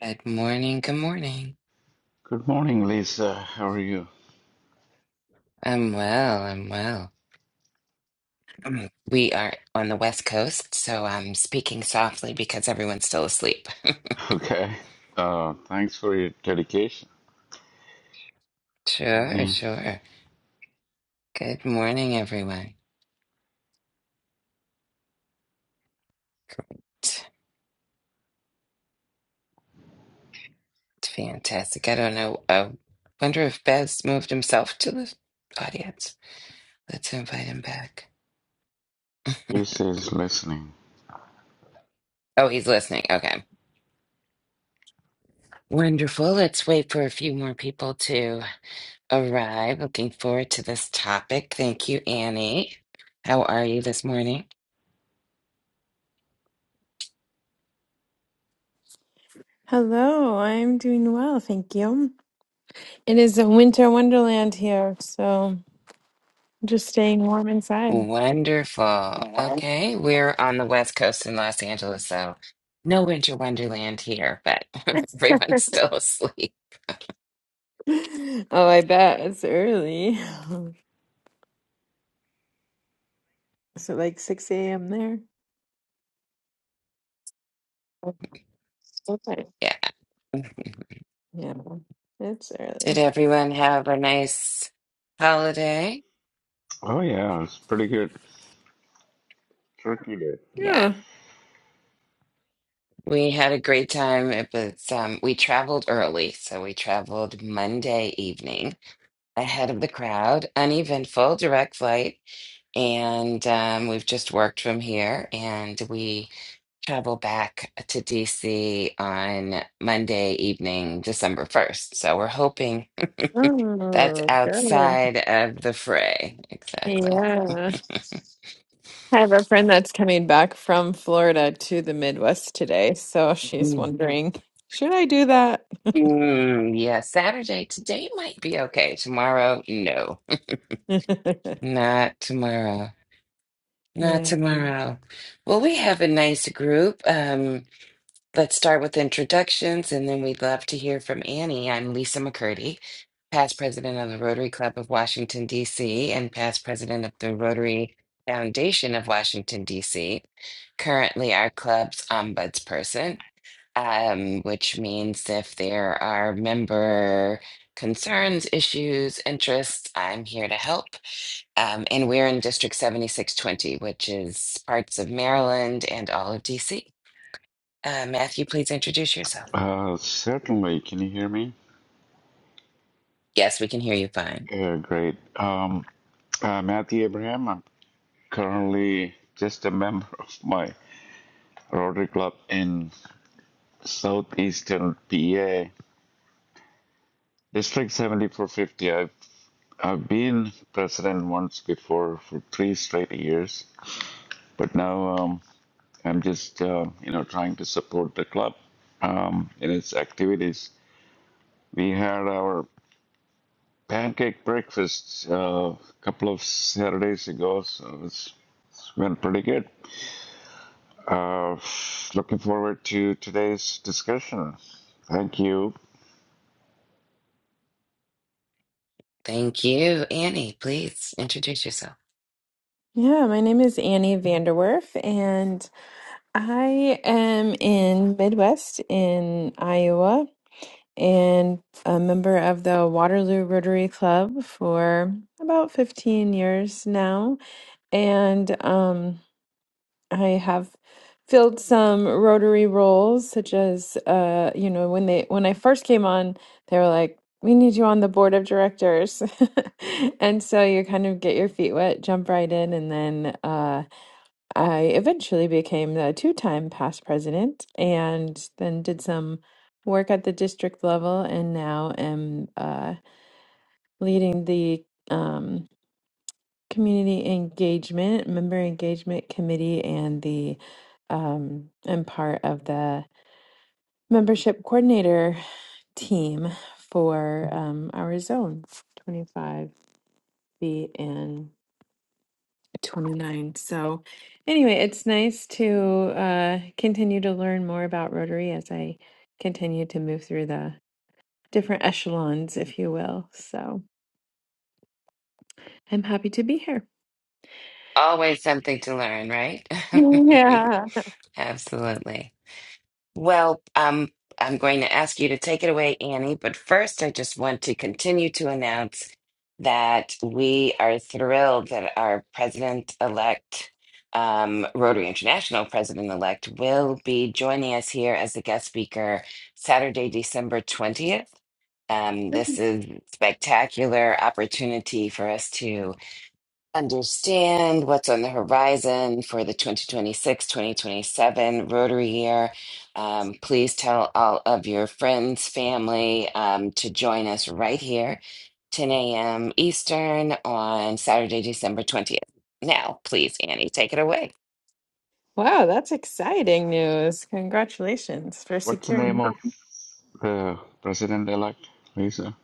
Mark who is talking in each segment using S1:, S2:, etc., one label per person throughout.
S1: Good morning. Good morning.
S2: Good morning, Lisa. How are you?
S1: I'm well. I'm well. Um, We are on the West Coast, so I'm speaking softly because everyone's still asleep.
S2: Okay. Uh, thanks for your dedication.
S1: Sure,
S2: Annie
S1: sure. Good morning, everyone. It's fantastic. I don't know. I wonder if Bez moved himself to the audience. Let's invite him back.
S2: Ace is listening.
S1: Oh, he's listening. Okay. Wonderful. Let's wait for a few more people to arrive. Looking forward to this topic. Thank you, Annie. How are you this morning?
S3: Hello, I'm doing well, thank you. It is a winter wonderland here, so just staying warm inside.
S1: Wonderful. Okay, we're on the West Coast in Los Angeles, so no winter wonderland here, but everyone's still asleep.
S3: Oh, I bet it's early. Is it like 6 a.m. there? Okay.
S1: Yeah.
S3: Yeah, it's
S1: Did
S3: early.
S1: everyone have a nice holiday?
S2: Oh, yeah, it's pretty good. Turkey Day.
S1: Yeah,
S3: Yeah.
S1: we had a great time. It was, um, we traveled early, so we traveled Monday evening ahead of the crowd, uneventful direct flight, and um, we've just worked from here, and we. travel back to DC on Monday evening, December 1st. So we're hoping that's
S3: Oh, good.
S1: outside of the fray. Exactly.
S3: Yeah. I have a friend that's coming back from Florida to the Midwest today, so she's
S1: Mm.
S3: wondering, should I do that?
S1: Mm, yeah, Saturday. Today might be okay. Tomorrow, no. Not tomorrow.
S3: Yeah.
S1: Not tomorrow. Well, we have a nice group. Um, Let's start with introductions, and then we'd love to hear from Annie. I'm Lisa McCurdy, past president of the Rotary Club of Washington, D.C., and past president of the Rotary Foundation of Washington, D.C., currently our club's ombudsperson, um, which means if there are member concerns, issues, interests, I'm here to help. Um, and we're in District 7620, which is parts of Maryland and all of DC. Uh, Matthew, please introduce yourself.
S2: Uh, certainly. Can you hear me?
S1: Yes, we can hear you fine.
S2: Yeah, great. Um, uh, Matthew Abraham, I'm currently just a member of my Rotary Club in southeastern PA, District 7450. I've, I've been president once before for three straight years, but now um, I'm just, uh, you know, trying to support the club um, in its activities. We had our pancake breakfasts uh, a couple of Saturdays ago, so it's been pretty good. Uh, looking forward to today's discussion. Thank you.
S1: Thank you. Annie, please introduce yourself.
S3: Yeah, my name is Annie Vanderwerf, and I am in Midwest in Iowa and a member of the Waterloo Rotary Club for about 15 years now. And um, I have filled some Rotary roles, such as, uh, you know, when they when I first came on, they were like, "We need you on the board of directors," and so you kind of get your feet wet, jump right in, and then. Uh, I eventually became the two-time past president and then did some work at the district level and now am uh, leading the um, community engagement, member engagement committee and the um, am part of the membership coordinator team for um, our zone 25B and. 29. So, anyway, it's nice to uh, continue to learn more about Rotary as I continue to move through the different echelons, if you will. So, I'm happy to be here.
S1: Always something to learn, right?
S3: Yeah.
S1: Absolutely. Well, um, I'm going to ask you to take it away, Annie, but first I just want to continue to announce that we are thrilled that our president-elect, um, Rotary International president-elect, will be joining us here as a guest speaker Saturday, December 20th. Um, this is spectacular opportunity for us to understand what's on the horizon for the 2026 2027 Rotary year. Um, please tell all of your friends, family um, to join us right here, 10 a.m. Eastern on Saturday, December 20th. Now, please, Annie, take it away.
S3: Wow, that's exciting news. Congratulations for
S2: What's the name
S3: securing.
S2: of the president-elect, Lisa?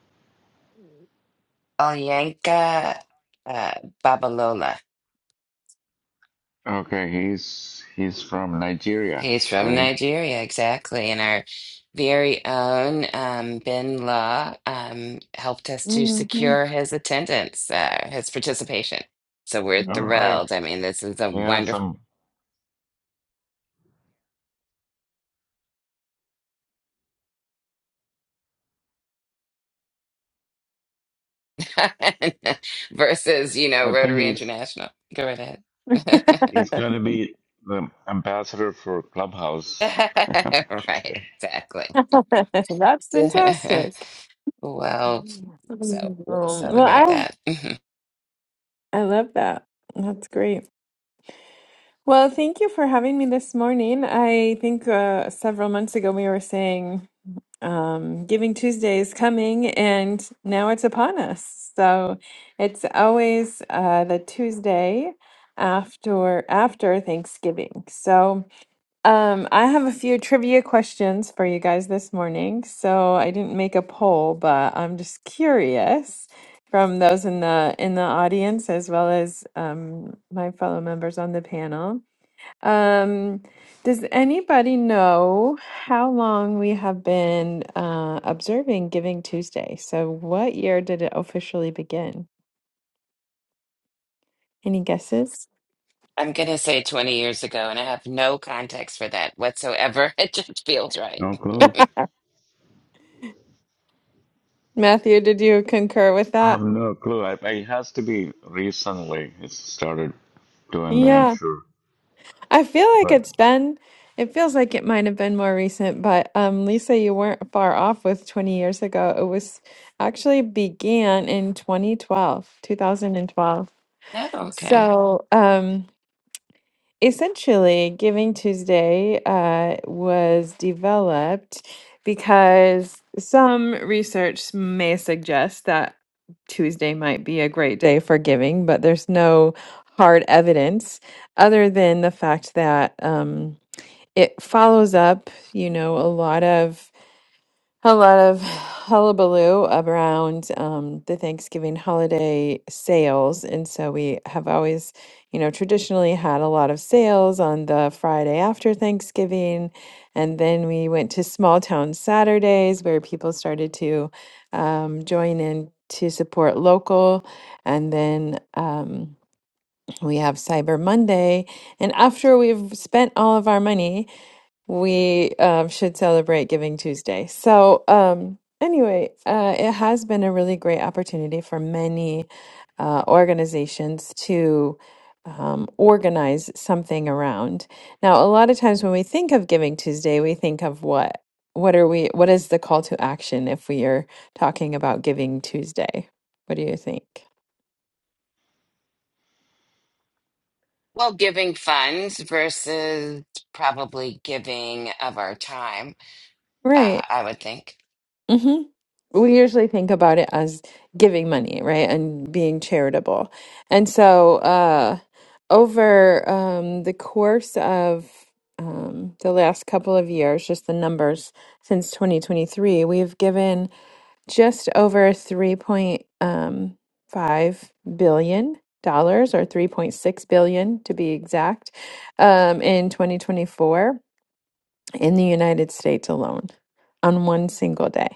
S1: Olyanka uh, Babalola.
S2: Okay, he's he's from Nigeria,
S1: He's from
S2: right?
S1: Nigeria, exactly. And our very own um, Bin Law um, helped us to
S3: Mhm.
S1: secure his attendance, uh, his participation. So we're
S2: All right.
S1: thrilled. I mean, this is a
S2: We
S1: wonderful
S2: some.
S1: time versus, you know,
S2: I think
S1: Rotary
S2: he's
S1: International. Go right ahead.
S2: He's gonna be the ambassador for Clubhouse. Okay.
S1: Right, exactly.
S3: That's fantastic.
S1: Well, so
S3: Um,
S1: we'll
S3: well,
S1: celebrate
S3: I
S1: that. I'm
S3: I love that. That's great. Well, thank you for having me this morning. I think uh, several months ago we were saying um, Giving Tuesday is coming, and now it's upon us. So it's always uh, the Tuesday after after Thanksgiving. So um, I have a few trivia questions for you guys this morning. So I didn't make a poll, but I'm just curious from those in the in the audience as well as um, my fellow members on the panel. Um, does anybody know how long we have been uh, observing Giving Tuesday? So, what year did it officially begin? Any guesses?
S1: going to say 20 years ago, and I have no context for that whatsoever. It just feels right.
S2: No clue.
S3: Matthew, did you concur with
S2: I have
S3: that?
S2: no clue. I, I- it has to be recently. It started doing that, I'm
S3: Yeah,
S2: sure.
S3: I feel like
S2: But
S3: it's been, it feels like it might have been more recent, but um, Lisa, you weren't far off with 20 years ago. It was actually began in 2012, 2012.
S1: Oh, okay.
S3: So, um, Essentially, Giving Tuesday uh, was developed because some research may suggest that Tuesday might be a great day for giving, but there's no hard evidence other than the fact that um, it follows up, you know, a lot of a lot of hullabaloo around um, the Thanksgiving holiday sales. And so we have always, you know, traditionally had a lot of sales on the Friday after Thanksgiving. And then we went to small town Saturdays where people started to um, join in to support local. And then um, we have Cyber Monday. And after we've spent all of our money, we um, should celebrate Giving Tuesday. So, um, anyway, uh, it has been a really great opportunity for many uh, organizations to um, organize something around. Now, a lot of times when we think of Giving Tuesday, we think of what? What are we? What is the call to action if we are talking about Giving Tuesday? What do you think?
S1: Well, giving funds versus probably giving of our time, uh,
S3: Right.
S1: I would think.
S3: we usually think about it as giving money, right? And being charitable. And so, uh, over um, the course of um, the last couple of years, just the numbers since 2023, we've given just over three point um, five billion dollars or 3.6 billion to be exact um, in 2024 in the United States alone on one single day.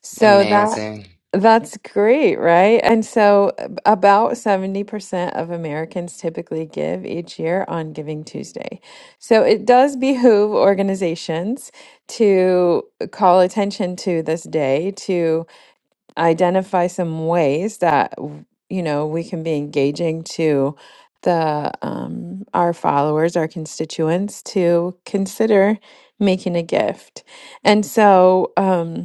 S3: So that
S1: Amazing.
S3: that's great, right? And so about 70% of Americans typically give each year on Giving Tuesday. So it does behoove organizations to call attention to this day, to identify some ways that, you know, we can be engaging to the um, our followers, our constituents to consider making a gift. And so um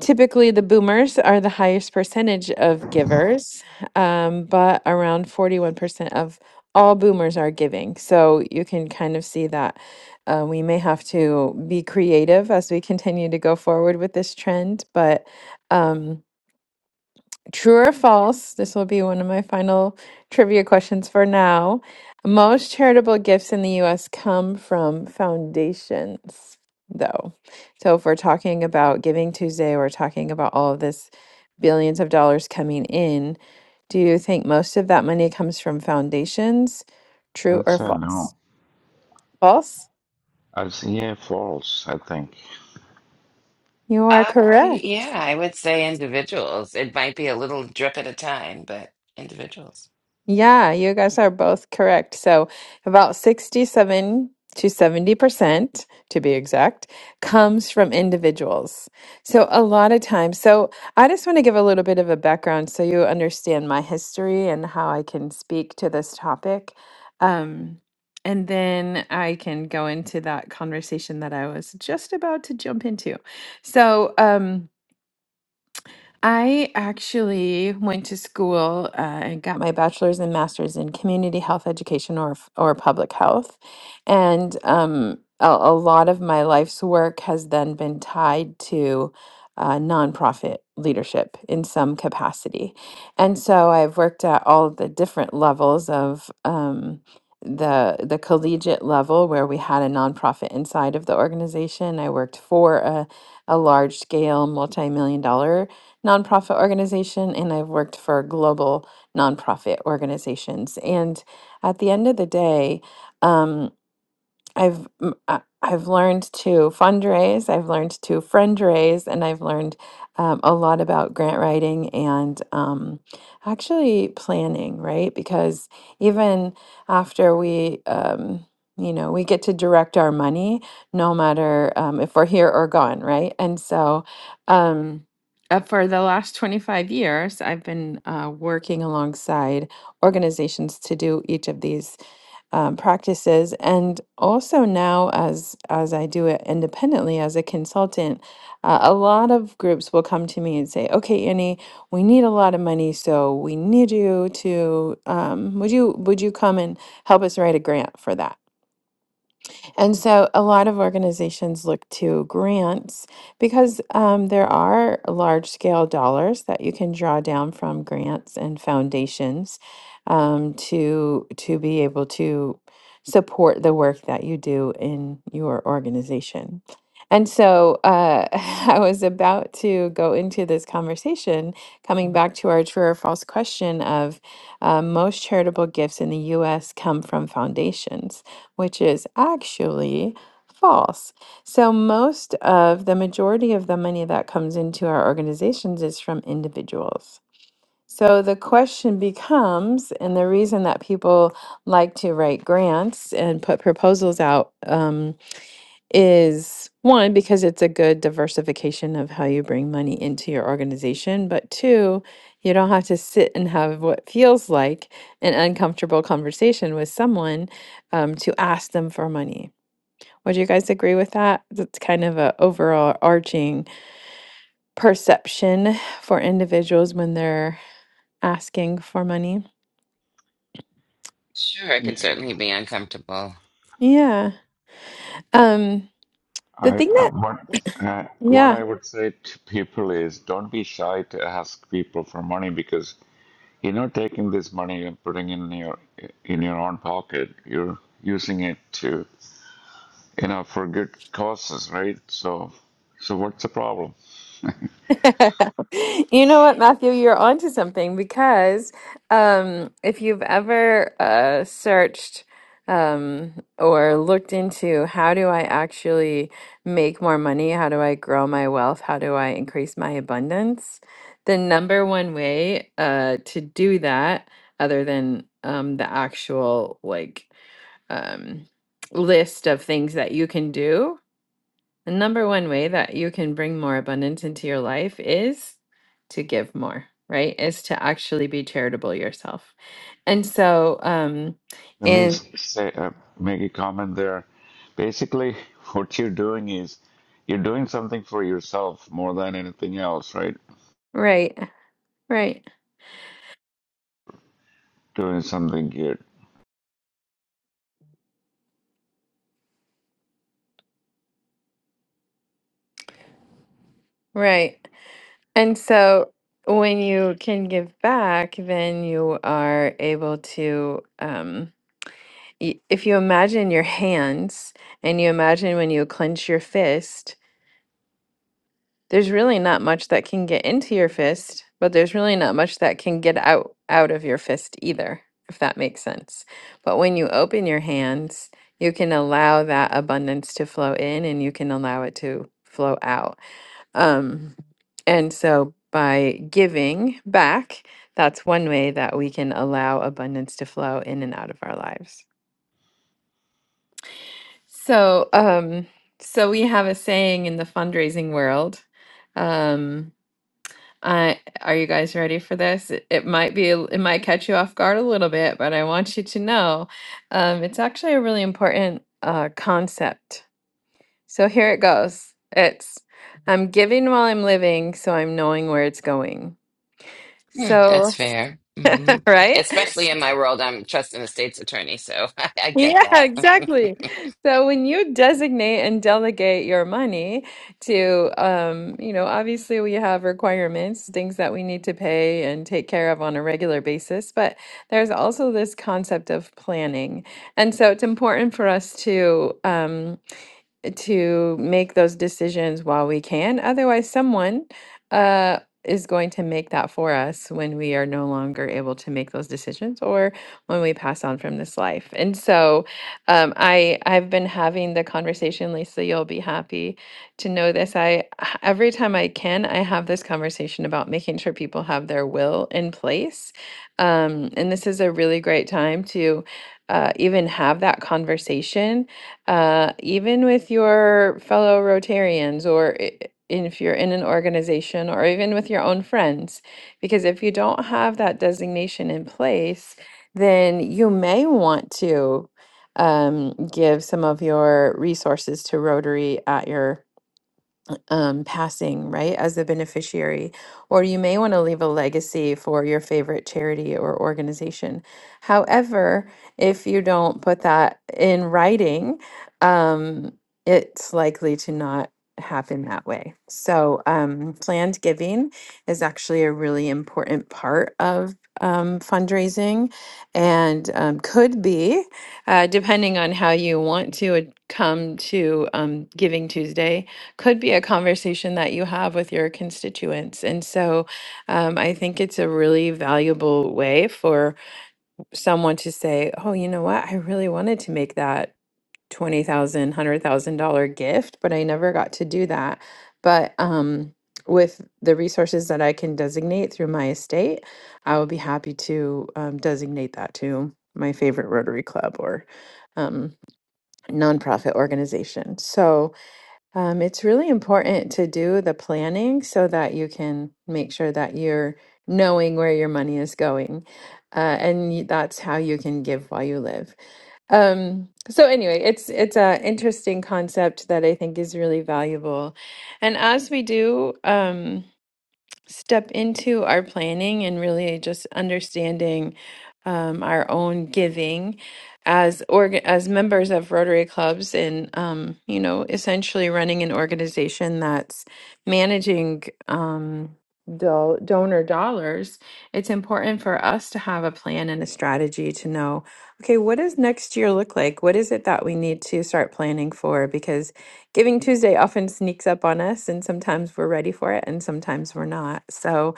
S3: Typically, the boomers are the highest percentage of givers, um, but around 41% of all boomers are giving. So you can kind of see that uh, we may have to be creative as we continue to go forward with this trend. But um, True or false? This will be one of my final trivia questions for now. Most charitable gifts in the US come from foundations, though. So if we're talking about Giving Tuesday, we're talking about all of this billions of dollars coming in. Do you think most of that money comes from foundations?
S2: I
S3: True
S2: would
S3: or
S2: say
S3: false?
S2: no.
S3: False?
S2: I'd say yeah, false. I think.
S3: You are
S1: Uh,
S3: correct.
S1: yeah, I would say individuals. It might be a little drip at a time, but individuals.
S3: Yeah, you guys are both correct. So, about 67 to 70%, to be exact, comes from individuals. So, a lot of times, so I just want to give a little bit of a background so you understand my history and how I can speak to this topic. Um, and then I can go into that conversation that I was just about to jump into. So, um, I actually went to school uh, and got my bachelor's and master's in community health education or f- or public health, and um, a, a lot of my life's work has then been tied to uh, nonprofit leadership in some capacity, and so I've worked at all the different levels of. Um, the the collegiate level where we had a nonprofit inside of the organization i worked for a, a large scale multi-million dollar nonprofit organization and I've worked for global nonprofit organizations. And at the end of the day, um, I've m- I- have i have learned to fundraise, I've learned to friend raise, and I've learned um, a lot about grant writing and um, actually planning, right? Because even after we, um, you know, we get to direct our money, no matter um, if we're here or gone, right? And so. Um, uh, for the last 25 years, I've been uh, working alongside organizations to do each of these um, practices and also now as as i do it independently as a consultant uh, a lot of groups will come to me and say okay annie we need a lot of money so we need you to um, would you would you come and help us write a grant for that and so a lot of organizations look to grants because um, there are large scale dollars that you can draw down from grants and foundations um, to to be able to support the work that you do in your organization. And so uh, I was about to go into this conversation, coming back to our true or false question of uh, most charitable gifts in the US come from foundations which is actually false. So, most of the majority of the money that comes into our organizations is from individuals. So, the question becomes, and the reason that people like to write grants and put proposals out. um, is one because it's a good diversification of how you bring money into your organization, but two, you don't have to sit and have what feels like an uncomfortable conversation with someone um, to ask them for money. Would you guys agree with that? That's kind of a overall arching perception for individuals when they're asking for money.
S1: Sure, it can certainly be uncomfortable.
S3: Yeah. Um, the
S2: I,
S3: thing
S2: I
S3: that,
S2: what uh, what
S3: yeah.
S2: I would say to people is don't be shy to ask people for money because you're not taking this money and putting it in your in your own pocket. You're using it to you know, for good causes, right? So, so what's the problem?
S3: You know what, Matthew, you're onto something because um, if you've ever uh, searched um, or looked into how do I actually make more money? How do I grow my wealth? How do I increase my abundance? The number one way uh, to do that, other than um, the actual like um, list of things that you can do, the number one way that you can bring more abundance into your life is to give more, right? Is to actually be charitable yourself. And so, um,
S2: Let me
S3: and
S2: say, uh, make a comment there. Basically, what you're doing is you're doing something for yourself more than anything else, right?
S3: right, right,
S2: Doing something good.
S3: right. And so when you can give back, then you are able to, um, y- if you imagine your hands and you imagine when you clench your fist, There's really not much that can get into your fist, but there's really not much that can get out out of your fist either, if that makes sense. But when you open your hands, you can allow that abundance to flow in and you can allow it to flow out. Um, and so by giving back, that's one way that we can allow abundance to flow in and out of our lives. So, um, so we have a saying in the fundraising world. um. Uh, are you guys ready for this? It, it might be, a- it might catch you off guard a little bit, but I want you to know um, it's actually a really important uh, concept. So here it goes. It's I'm giving while I'm living, so I'm knowing where it's going.
S1: Hmm,
S3: So,
S1: that's fair. hmm
S3: right?
S1: Especially in my world, I'm trust an estate's attorney, so I I get
S3: Yeah,
S1: that.
S3: exactly. So when you designate and delegate your money to, um, you know, obviously we have requirements, things that we need to pay and take care of on a regular basis, but there's also this concept of planning. And so it's important for us to, um, to make those decisions while we can. Otherwise, someone uh, is going to make that for us when we are no longer able to make those decisions or when we pass on from this life. And so um, I, I've been having the conversation, Lisa, you'll be happy to know this. I, every time I can, I have this conversation about making sure people have their will in place. Um, and this is a really great time to uh, even have that conversation uh, even with your fellow Rotarians or i- if you're in an organization or even with your own friends. Because if you don't have that designation in place, then you may want to um, give some of your resources to Rotary at your um, passing, right, as a beneficiary. Or you may want to leave a legacy for your favorite charity or organization. However, if you don't put that in writing, um, it's likely to not happen that way. So, um, planned giving is actually a really important part of um, fundraising and um, could be, uh, depending on how you want to ad- come to um, Giving Tuesday could be a conversation that you have with your constituents. And so um, I think it's a really valuable way for someone to say, oh, you know what? I really wanted to make that $20,000, gift, but I never got to do that. But um, with the resources that I can designate through my estate, I will be happy to um, designate that to my favorite Rotary Club or um, nonprofit organization. So, um, it's really important to do the planning so that you can make sure that you're knowing where your money is going. Uh, and y- that's how you can give while you live. Um, so anyway, it's it's an interesting concept that I think is really valuable. And as we do, um, step into our planning and really just understanding um, our own giving as org- as members of Rotary clubs and um, you know essentially running an organization that's managing um, do- donor dollars. It's important for us to have a plan and a strategy to know okay what does next year look like? What is it that we need to start planning for? Because Giving Tuesday often sneaks up on us, and sometimes we're ready for it, and sometimes we're not. So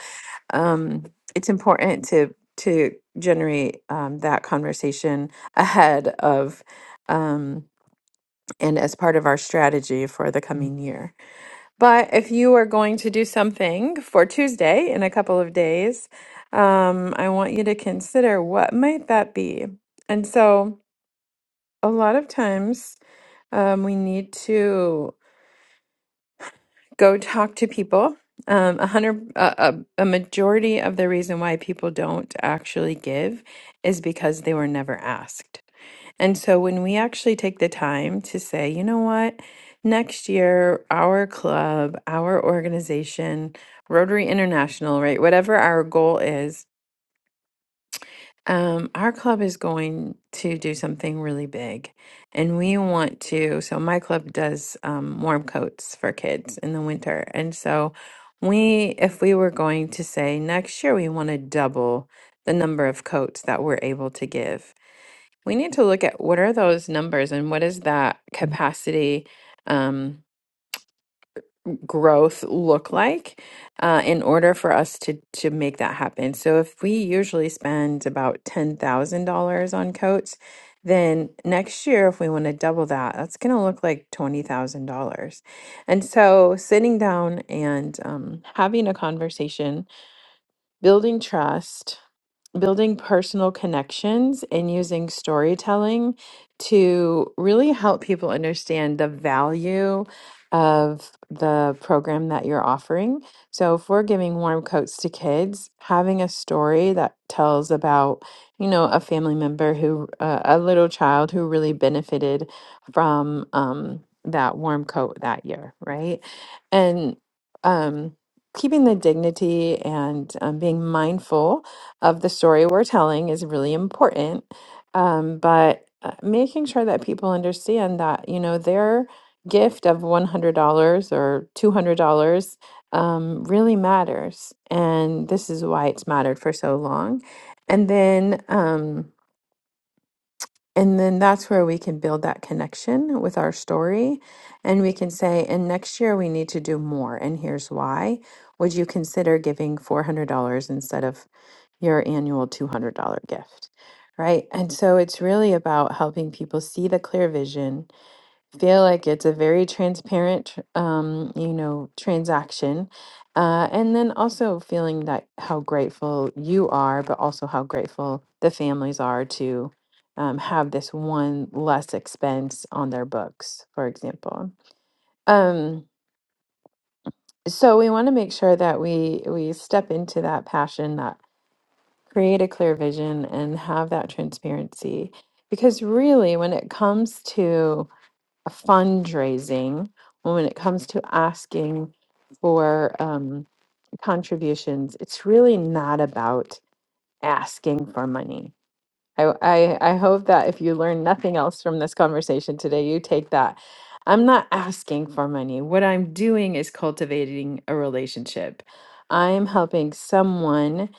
S3: um, it's important to to generate um, that conversation ahead of um, and as part of our strategy for the coming year. But if you are going to do something for Tuesday in a couple of days, um, I want you to consider what might that be. And so a lot of times um, we need to. go talk to people. Um, a hundred, a, a, a majority of the reason why people don't actually give is because they were never asked. And so when we actually take the time to say, you know what, next year, our club, our organization, Rotary International, right, whatever our goal is, um, our club is going to do something really big, and we want to. So, my club does um, warm coats for kids in the winter. And so, we, if we were going to say next year, we want to double the number of coats that we're able to give, we need to look at what are those numbers and what is that capacity. Um, growth look like uh, in order for us to to make that happen. So if we usually spend about ten thousand dollars on coats, then next year if we want to double that, that's going to look like twenty thousand dollars. And so sitting down and um, having a conversation building trust, building personal connections, and using storytelling to really help people understand the value of the program that you're offering. So, if we're giving warm coats to kids, having a story that tells about, you know, a family member who, uh, a little child who really benefited from um, that warm coat that year, right? And, um keeping the dignity and um, being mindful of the story we're telling is really important. Um, but uh, making sure that people understand that, you know, their gift of $100 or $200 um, really matters. And this is why it's mattered for so long. And then, um, and then that's where we can build that connection with our story. And we can say, and next year we need to do more. And here's why. Would you consider giving $400 instead of your annual $200 gift? Right. And so it's really about helping people see the clear vision feel like it's a very transparent, tr- um, you know, transaction. Uh, and then also feeling that how grateful you are, but also how grateful the families are to um, have this one less expense on their books, for example. Um, so we want to make sure that we we step into that passion, that create a clear vision, and have that transparency, because really, when it comes to fundraising when it comes to asking for um, contributions it's really not about asking for money I, I, I hope that if you learn nothing else from this conversation today, you take that. I'm not asking for money. What I'm doing is cultivating a relationship. I'm helping someone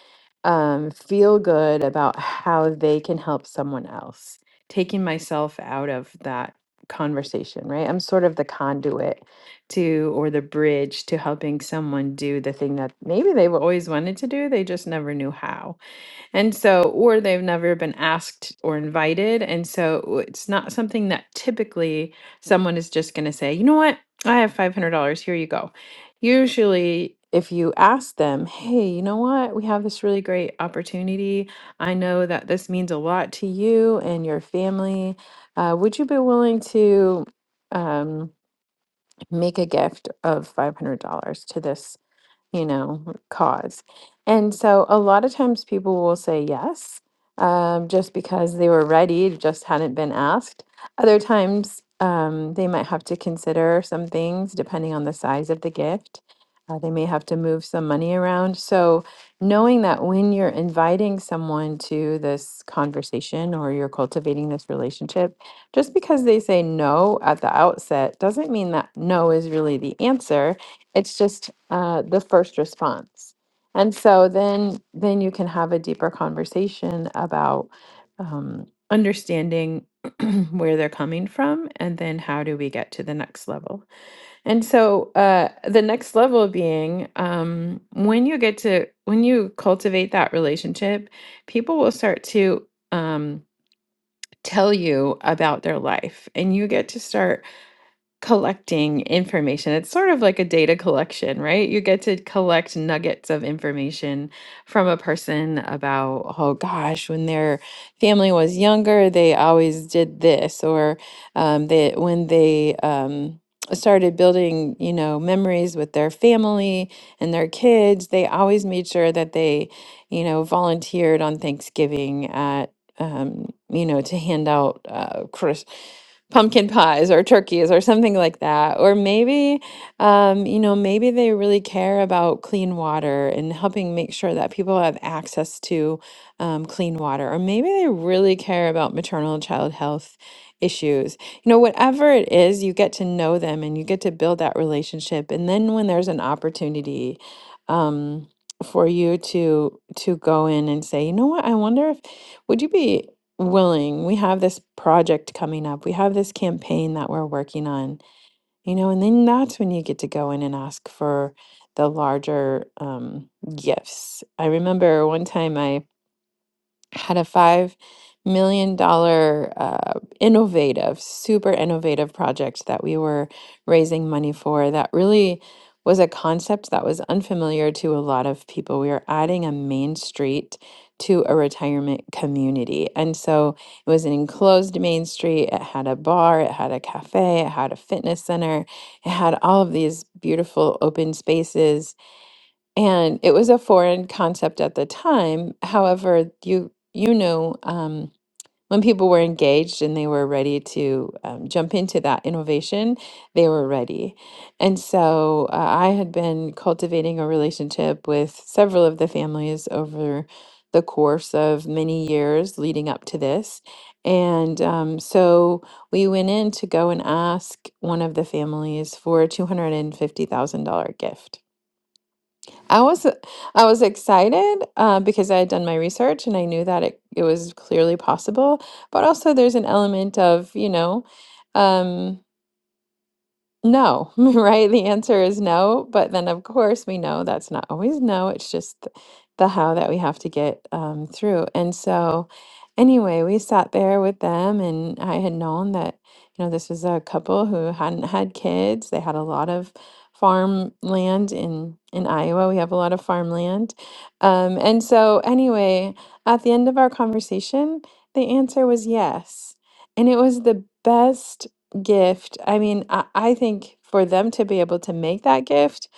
S3: um, feel good about how they can help someone else, taking myself out of that conversation, right? I'm sort of the conduit to or the bridge to helping someone do the thing that maybe they've always wanted to do, they just never knew how. And so, or they've never been asked or invited. And so it's not something that typically someone is just going to say, you know what, I have $500, here you go. Usually, if you ask them, hey, you know what, we have this really great opportunity. I know that this means a lot to you and your family. Uh, would you be willing to um, make a gift of $500 to this? you know, cause. And so a lot of times people will say yes, um, just because they were ready, it just hadn't been asked. Other times um, they might have to consider some things depending on the size of the gift. Uh, they may have to move some money around. So knowing that when you're inviting someone to this conversation or you're cultivating this relationship, just because they say no at the outset doesn't mean that no is really the answer it's just uh, the first response and so then then you can have a deeper conversation about um, understanding where they're coming from and then how do we get to the next level and so uh, the next level being um, when you get to when you cultivate that relationship people will start to um, tell you about their life and you get to start collecting information. It's sort of like a data collection, right? You get to collect nuggets of information from a person about, oh gosh, when their family was younger, they always did this, or um, they when they um, started building, you know, memories with their family and their kids, they always made sure that they, you know, volunteered on Thanksgiving at. Um, you know, to hand out uh, Chris pumpkin pies or turkeys or something like that. Or maybe, um, you know, maybe they really care about clean water and helping make sure that people have access to um, clean water. Or maybe they really care about maternal and child health issues. You know, whatever it is, you get to know them and you get to build that relationship. And then when there's an opportunity, um, for you to to go in and say, you know what, I wonder if would you be willing. We have this project coming up. We have this campaign that we're working on, you know, and then that's when you get to go in and ask for the larger um, gifts. I remember one time I had a five million dollar uh, innovative, super innovative project that we were raising money for. That really was a concept that was unfamiliar to a lot of people. We were adding a main street to a retirement community, and so it was an enclosed main street. It had a bar, it had a cafe, it had a fitness center, it had all of these beautiful open spaces and it was a foreign concept at the time. However, you you know, um, when people were engaged and they were ready to um, jump into that innovation, they were ready. And so uh, I had been cultivating a relationship with several of the families over the course of many years leading up to this. And um, so we went in to go and ask one of the families for a $250,000 gift. I was I was excited uh, because I had done my research and I knew that it, it was clearly possible. But also, there's an element of, you know, um, no, right? The answer is no. But then, of course, we know that's not always no. It's just th- the how that we have to get um, through. And so, anyway, we sat there with them, and I had known that, you know, this was a couple who hadn't had kids. They had a lot of farmland in in Iowa. We have a lot of farmland. Um, and so, anyway, at the end of our conversation, the answer was yes. And it was the best gift. I mean, I, I think for them to be able to make that gift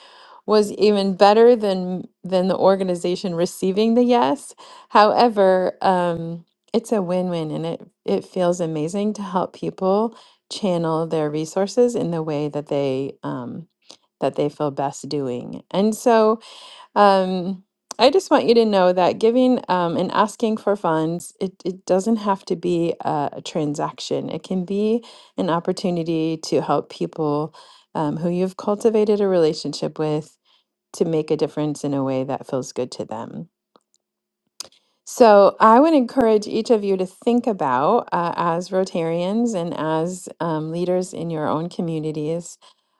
S3: was even better than than the organization receiving the yes. However, um, it's a win-win and it it feels amazing to help people channel their resources in the way that they um, that they feel best doing. And so um, I just want you to know that giving um, and asking for funds, it, it doesn't have to be a, a transaction. It can be an opportunity to help people um, who you've cultivated a relationship with to make a difference in a way that feels good to them. So I would encourage each of you to think about, uh, as Rotarians and as um, leaders in your own communities,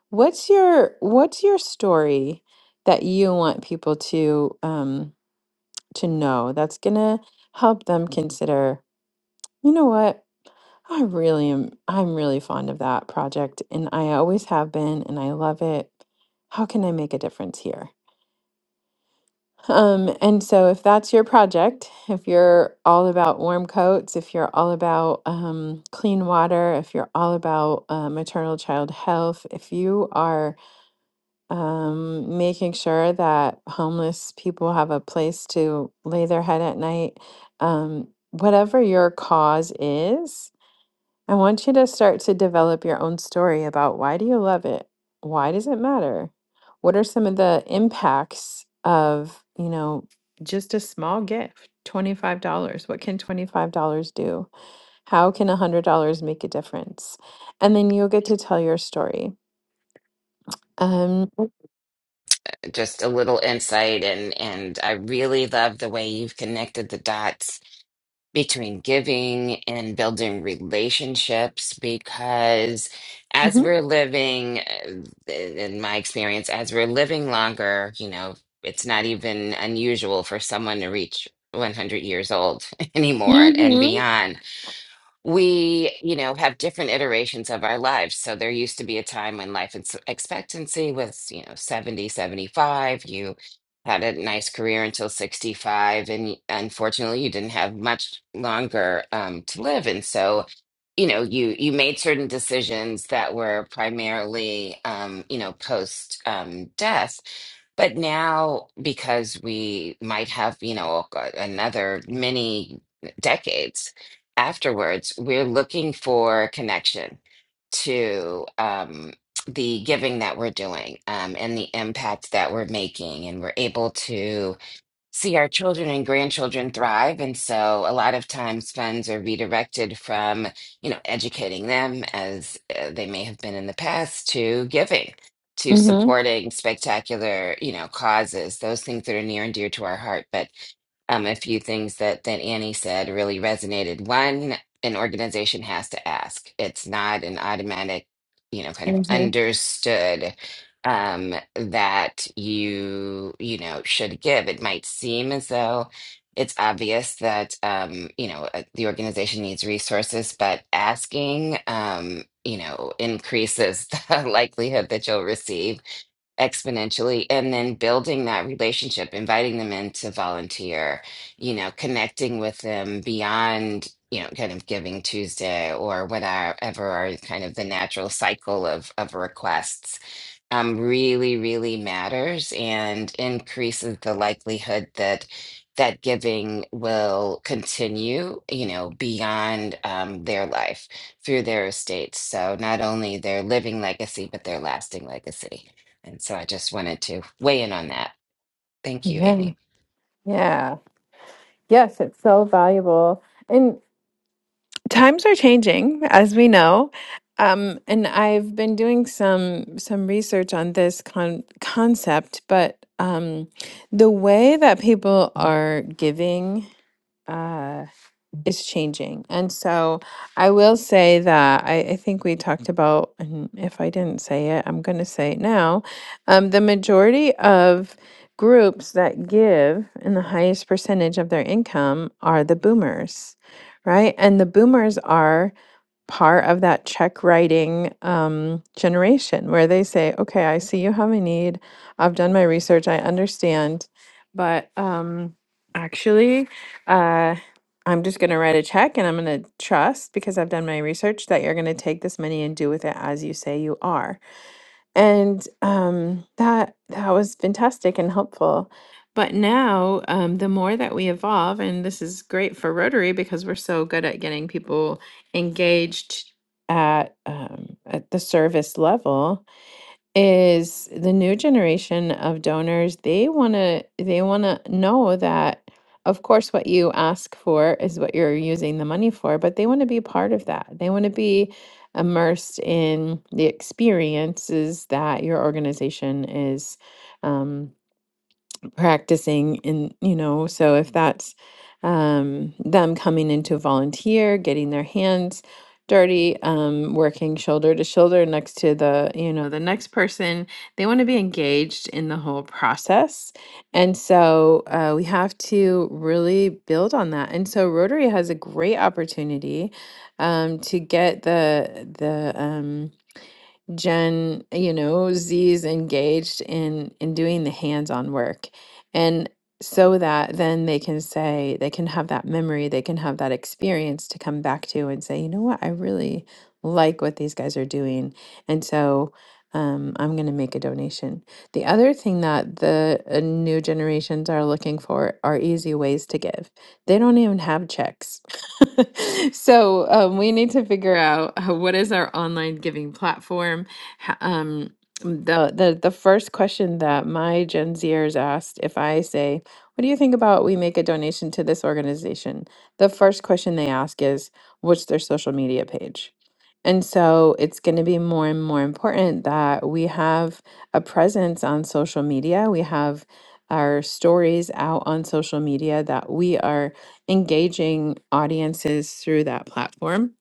S3: what's your what's your story that you want people to? Um, to know. That's gonna help them consider, you know what? I really am I'm really fond of that project and I always have been and I love it. How can I make a difference here? Um, and so if that's your project, if you're all about warm coats, if you're all about um, clean water, if you're all about uh, maternal child health, if you are um, making sure that homeless people have a place to lay their head at night. Um, whatever your cause is, I want you to start to develop your own story about why do you love it? Why does it matter? What are some of the impacts of, you know, just a small gift? $25. What can $25 do? How can $100 make a difference? And then you'll get to tell your story. Um,
S1: Just a little insight, and and I really love the way you've connected the dots between giving and building relationships because as we're living uh, in my experience as we're living longer you know it's not even unusual for someone to reach 100 years old anymore and beyond we you know have different iterations of our lives so there used to be a time when life ex- expectancy was you know 70, 75. you had a nice career until 65 and y- unfortunately you didn't have much longer um, to live and so you know you you made certain decisions that were primarily um, you know post um, death but now because we might have you know a- another many decades afterwards, we're looking for connection to um, the giving that we're doing um, and the impact that we're making. And we're able to see our children and grandchildren thrive. And so a lot of times funds are redirected from, you know, educating them as uh, they may have been in the past to giving. To
S3: mhm,
S1: supporting spectacular, you know, causes, those things that are near and dear to our heart. But um, a few things that that Annie said really resonated. One, an organization has to ask. It's not an automatic, you know, kind of
S3: mhm.
S1: understood um, that you you know should give. It might seem as though it's obvious that um, you know uh, the organization needs resources, but asking um, you know increases the likelihood that you'll receive exponentially and then building that relationship inviting them in to volunteer you know connecting with them beyond you know kind of giving tuesday or whatever are kind of the natural cycle of of requests um, really, really matters and increases the likelihood that that giving will continue, you know, beyond um, their life through their estates. So not only their living legacy, but their lasting legacy. And so I just wanted to weigh in on that. Thank you,
S3: Yeah.
S1: Annie.
S3: Yeah. Yes, it's so valuable. And times are changing, as we know. Um, and I've been doing some some research on this con concept, but um, the way that people are giving. uh, is changing. And so I will say that I, I think we talked about, and if I didn't say it, I'm going to say it now. Um, the majority of groups that give and the highest percentage of their income are the boomers, right? And the boomers are part of that check writing um, generation where they say, okay, I see you have a need. I've done my research. I understand. But um, actually, uh, I'm just going to write a check and I'm going to trust because I've done my research that you're going to take this money and do with it as you say you are and um, that that was fantastic and helpful. But now, um, the more that we evolve, and this is great for Rotary because we're so good at getting people engaged at um, at the service level is the new generation of donors they want to they want to know that of course what you ask for is what you're using the money for but they want to be part of that they want to be immersed in the experiences that your organization is um, practicing and you know so if that's um, them coming into volunteer getting their hands dirty um, working shoulder to shoulder next to the you know the next person they want to be engaged in the whole process and so uh, we have to really build on that and so rotary has a great opportunity um, to get the the um, Gen, you know, Z is engaged in in doing the hands-on work. And so that then they can say, they can have that memory, they can have that experience to come back to and say, you know what, I really like what these guys are doing. And so um, I'm going to make a donation. The other thing that the uh, new generations are looking for are easy ways to give. They don't even have checks. so um, we need to figure out uh, what is our online giving platform. Ho- Um, the, the the first question that my Gen Zers asked, if I say, "What do you think about we make a donation to this organization?" The first question they ask is, "What's their social media page?" And so it's going to be more and more important that we have a presence on social media. We have our stories out on social media that we are engaging audiences through that platform.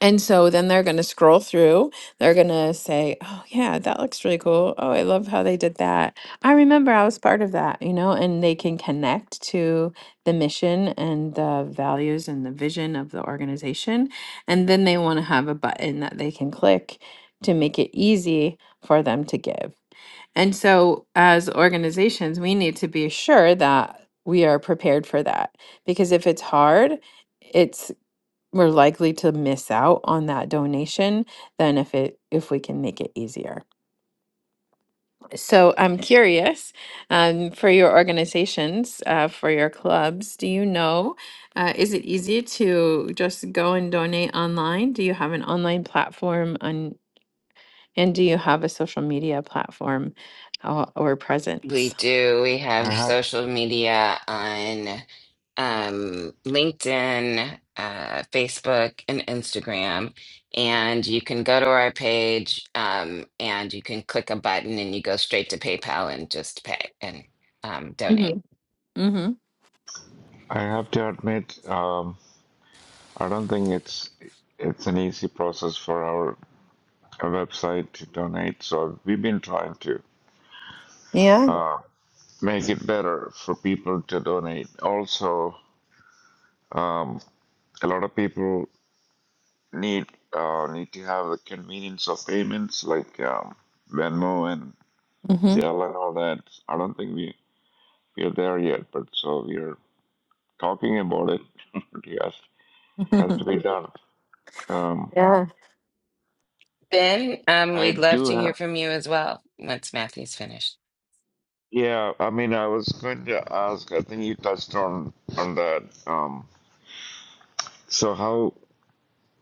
S3: And so then they're going to scroll through. They're going to say, "Oh yeah, that looks really cool. Oh, I love how they did that. I remember I was part of that," you know, and they can connect to the mission and the values and the vision of the organization. And then they want to have a button that they can click to make it easy for them to give. And so, as organizations, we need to be sure that we are prepared for that because if it's hard, it's we're likely to miss out on that donation than if it if we can make it easier. So I'm curious um, for your organizations, uh, for your clubs, do you know uh, is it easy to just go and donate online? Do you have an online platform on, and do you have a social media platform or, or
S1: We
S3: presence?
S1: do. We
S2: I
S1: have
S2: have,
S1: social media on um, LinkedIn, uh, Facebook, and Instagram. And you can go to our page um, and you can click a button and you go straight to PayPal and just pay and um, donate.
S3: Mm-hmm.
S2: I have to admit, um, I don't think it's it's an easy process for our website to donate. So we've been trying to
S3: Yeah.
S2: make it better for people to donate. Also, um, a lot of people need uh, need to have the convenience of payments like um, Venmo and Zelle and all that. I don't think we we're there yet, but so we're talking about it. It has has
S3: Mm-hmm.
S2: to be done. Um,
S3: Yeah.
S1: Ben, um,
S2: I
S1: we'd love
S2: do
S1: to hear
S2: have.
S1: from you as well once Matthew's finished.
S2: Yeah, I mean, I was going to ask. I think you touched on on that. Um, so how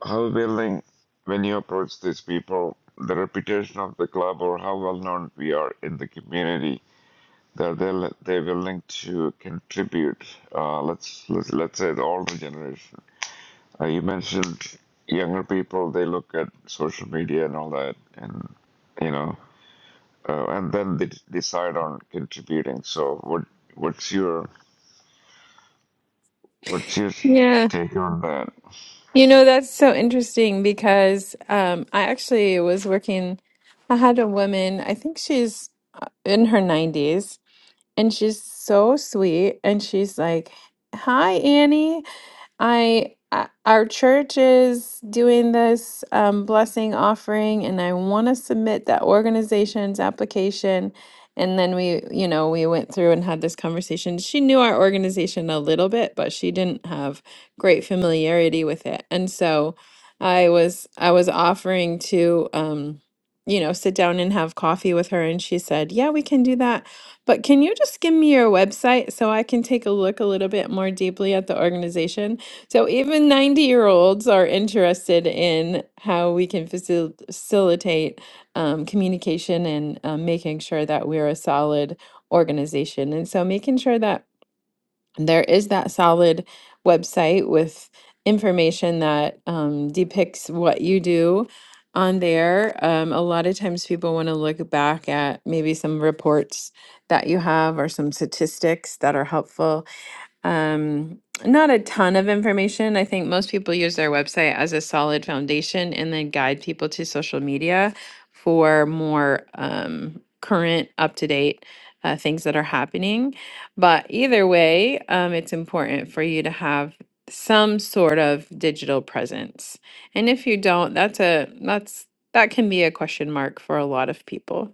S2: how willing when you approach these people, the reputation of the club or how well known we are in the community that they'll, they're willing to contribute. Uh, let's, let's let's say the older generation. Uh, you mentioned younger people; they look at social media and all that, and you know, uh, and then they d- decide on contributing. So, what what's your what's your
S3: Yeah.
S2: take on that?
S3: You know, that's so interesting because um, I actually was working, I had a woman, I think she's uh, in her 90s, And she's so sweet. And she's like, Hi, Annie. I, I our church is doing this um, blessing offering, and I want to submit that organization's application. And then we, you know, we went through and had this conversation. She knew our organization a little bit, but she didn't have great familiarity with it. And so I was I was offering to um, you know, sit down and have coffee with her, and she said, "Yeah, we can do that." But can you just give me your website so I can take a look a little bit more deeply at the organization? So even 90 year olds are interested in how we can facil- facilitate um, communication and um, making sure that we're a solid organization. And so making sure that there is that solid website with information that um, depicts what you do on there. Um, a lot of times people want to look back at maybe some reports that you have or some statistics that are helpful. Um, not a ton of information. I think most people use their website as a solid foundation and then guide people to social media for more um, current, up to date uh, things that are happening. But either way, um, it's important for you to have some sort of digital presence. And if you don't, that's a that's that can be a question mark for a lot of people.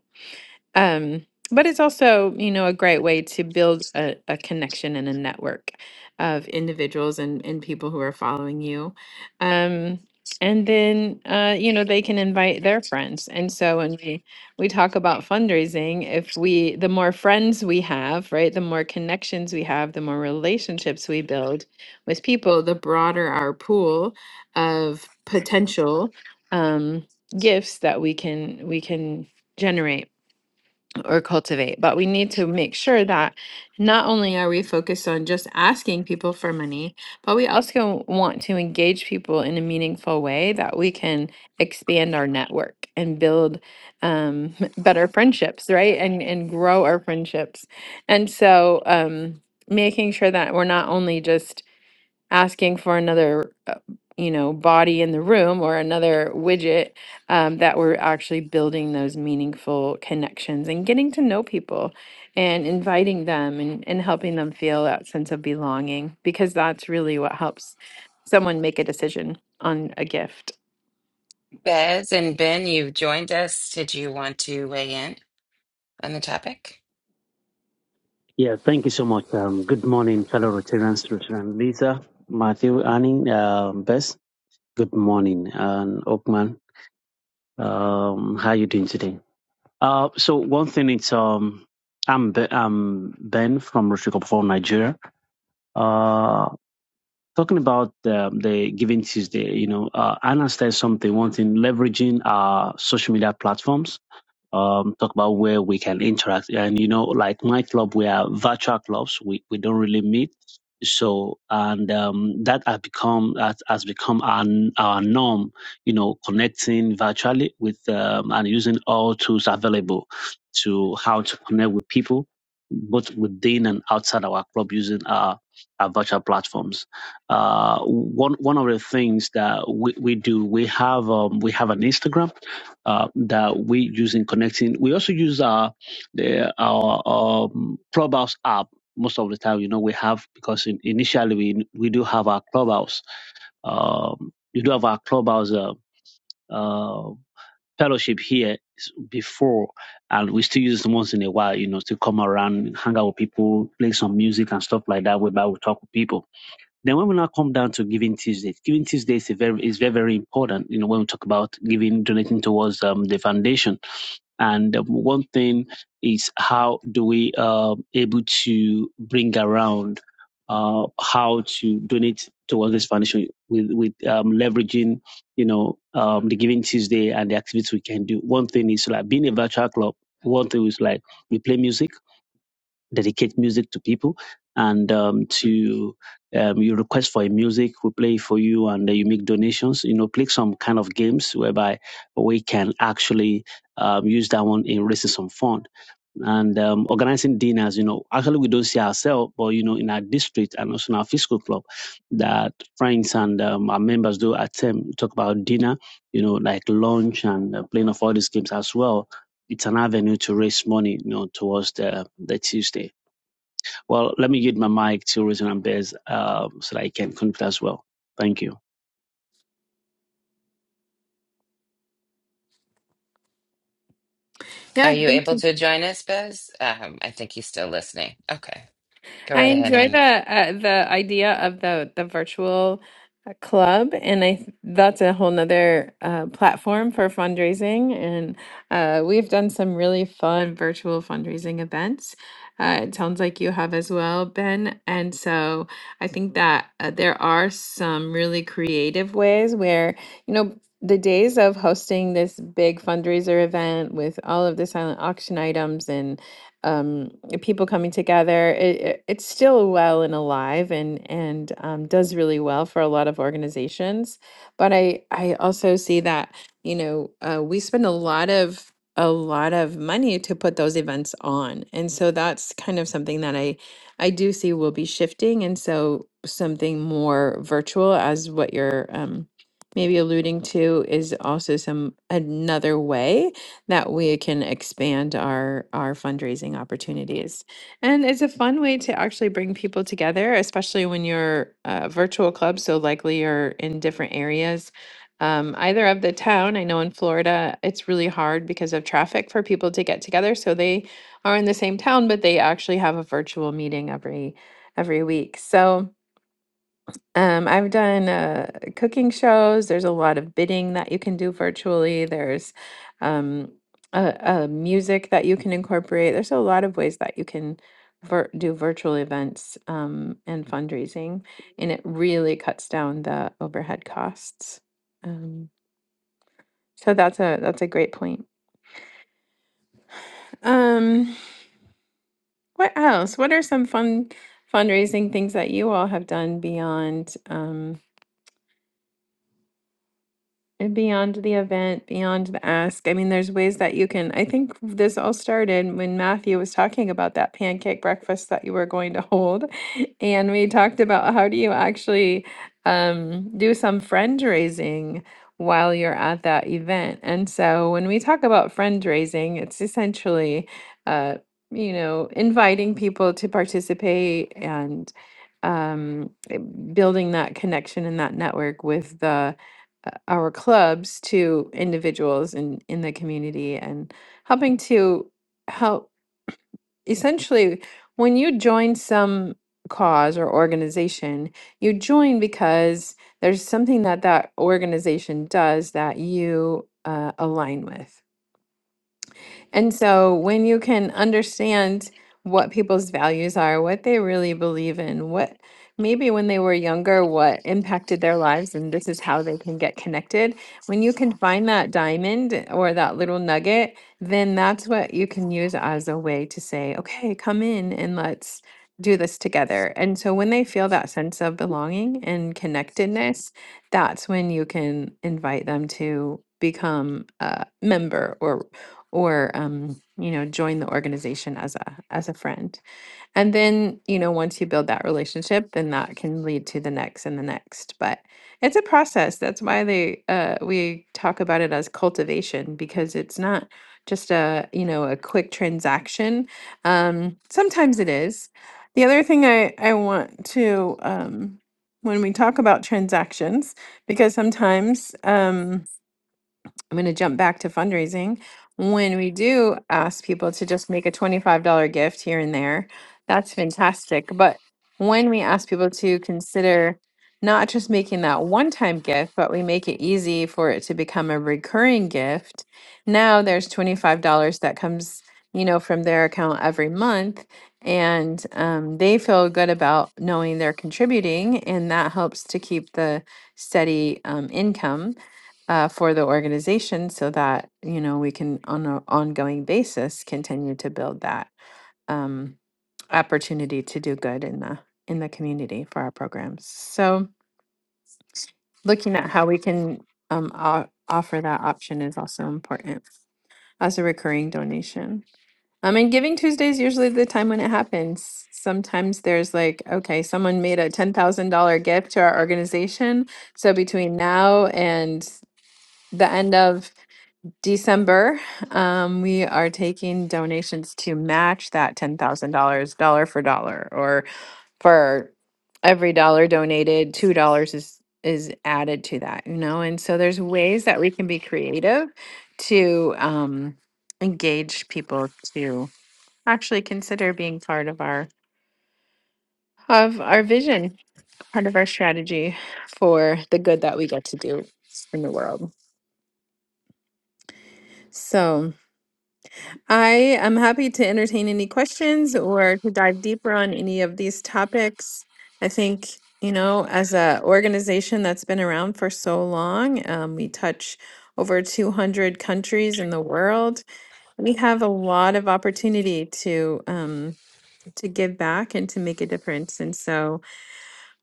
S3: Um, but it's also, you know, a great way to build a, a connection and a network of individuals and, and people who are following you. Um, and then, uh, you know, they can invite their friends. And so when we, we talk about fundraising, if we, the more friends we have, right, the more connections we have, the more relationships we build with people, the broader our pool of potential um, gifts that we can, we can generate or cultivate. But we need to make sure that not only are we focused on just asking people for money, but we also want to engage people in a meaningful way that we can expand our network and build um, better friendships, right? And and grow our friendships. And so um, making sure that we're not only just asking for another uh, you know body in the room or another widget um, that we're actually building those meaningful connections and getting to know people and inviting them and, and helping them feel that sense of belonging because that's really what helps someone make a decision on a gift
S1: Bez and Ben, you've joined us. Did you want to weigh in on the topic?
S4: Yeah, thank you so much. Um, good morning, fellow Rotarians, Rotarian Lisa, Matthew, Annie, um, Bess. Good morning, and Oakman. Um, how you doing today? Uh, so one thing is, um, I'm Be- I'm Ben from Rotary Club for Nigeria. Uh, talking about the, the Giving Tuesday, you know, uh, Anna said something. One thing, leveraging our social media platforms um, talk about where we can interact. And you know, like my club, we are virtual clubs. We we don't really meet. So and um, that has become that has become our our norm. You know, connecting virtually with um, and using all tools available to how to connect with people, both within and outside our club, using our our virtual platforms. Uh, one one of the things that we, we do, we have um, we have an Instagram uh, that we use in connecting. We also use our the, our um, clubhouse app most of the time. You know, we have because in, initially we we do have our clubhouse. Um, we do have our clubhouse uh, uh, fellowship here s- before, and we still use it once in a while. You know, to come around, hang out with people, play some music and stuff like that. Whereby we talk with people. Then when we now come down to Giving Tuesday, Giving Tuesday is very is very very important. You know, when we talk about giving, donating towards um, the foundation and um, one thing is how do we um able to bring around uh, how to donate towards this foundation with with um, leveraging you know um, the Giving Tuesday and the activities we can do. One thing is like being a virtual club. One thing is like we play music dedicate music to people and um, to um, you request for a music we play it for you and then you make donations you know play some kind of games whereby we can actually um, use that one in raising some fund and um, organizing dinners you know actually we don't see ourselves but you know in our district and also in our fiscal club that friends and um, our members do attend we talk about dinner you know like lunch and uh, playing of all these games as well it's an avenue to raise money you know towards the the tuesday well, let me yield my mic to Reason and Bez um, so that I can conclude as well. Thank you.
S1: Are
S3: Yeah,
S1: you
S3: thank
S1: able
S3: you.
S1: to join us, Bez? Um, I think he's still listening. Okay. Go
S3: I
S1: right ahead,
S3: enjoy the
S1: Annie.
S3: uh, the idea of the the virtual uh, club, and I th- that's a whole nother uh, platform for fundraising. And uh, we've done some really fun virtual fundraising events. Uh, it sounds like you have as well, Ben. And so I think that uh, there are some really creative ways where you know. The days of hosting this big fundraiser event with all of the silent auction items um, people coming together. It, it- it's still well and alive, and and um, does really well for a lot of organizations. But I I also see that you know uh, we spend a lot of a lot of money to put those events on, and so that's kind of something that I I do see will be shifting, and so something more virtual as what you're um, maybe alluding to is also some another way that we can expand our our fundraising opportunities. And it's a fun way to actually bring people together, especially when you're a virtual club, so likely you're in different areas. Um, either of the town. I know in Florida, it's really hard because of traffic for people to get together. So they are in the same town, but they actually have a virtual meeting every every week. So um, I've done uh, cooking shows. There's a lot of bidding that you can do virtually. There's um, uh, uh, music that you can incorporate. There's a lot of ways that you can vir- do virtual events um, and fundraising, and it really cuts down the overhead costs. Um, so that's a that's a great point. Um, what else? What are some fun fundraising things that you all have done beyond? Um, And beyond the event, beyond the ask. I mean, there's ways that you can. I think this all started when Matthew was talking about that pancake breakfast that you were going to hold. And we talked about how do you actually um, do some friend raising while you're at that event. And so when we talk about friend raising, it's essentially, uh, you know, inviting people to participate and um, building that connection and that network with the uh, our clubs to individuals in in the community and helping to help essentially when you join some cause or organization you join because there's something that that organization does that you uh, align with and so when you can understand what people's values are, what they really believe in, what maybe when they were younger, what impacted their lives, and this is how they can get connected, when you can find that diamond or that little nugget, then that's what you can use as a way to say, okay, come in and let's do this together. And so when they feel that sense of belonging and connectedness, that's when you can invite them to become a member or or um, you know join the organization as a as a friend and then you know once you build that relationship then that can lead to the next and the next but it's a process that's why they uh, we talk about it as cultivation because it's not just a you know a quick transaction um, sometimes it is the other thing i i want to um, when we talk about transactions because sometimes um, I'm going to jump back to fundraising. When we do ask people to just make a $25 gift here and there, that's fantastic. But when we ask people to consider not just making that one time gift, but we make it easy for it to become a recurring gift, now there's $25 that comes you know from their account every month and um, they feel good about knowing they're contributing and that helps to keep the steady um, income uh, for the organization so that you know we can on an ongoing basis continue to build that um, opportunity to do good in the in the community for our programs so looking at how we can um, o- offer that option is also important as a recurring donation I mean, Giving Tuesday is usually the time when it happens. Sometimes there's like, okay, someone made a $10,000 gift to our organization. So between now and the end of December, um, we are taking donations to match that ten thousand dollars, dollar for dollar, or for every dollar donated, two dollars is is added to that, you know. And so there's ways that we can be creative to um, engage people to actually consider being part of our of our vision, part of our strategy for the good that we get to do in the world. So. I am happy to entertain any questions or to dive deeper on any of these topics. I think, you know, as a organization that's been around for so long, um, we touch over 200 countries in the world. We have a lot of opportunity to um, to give back and to make a difference. And so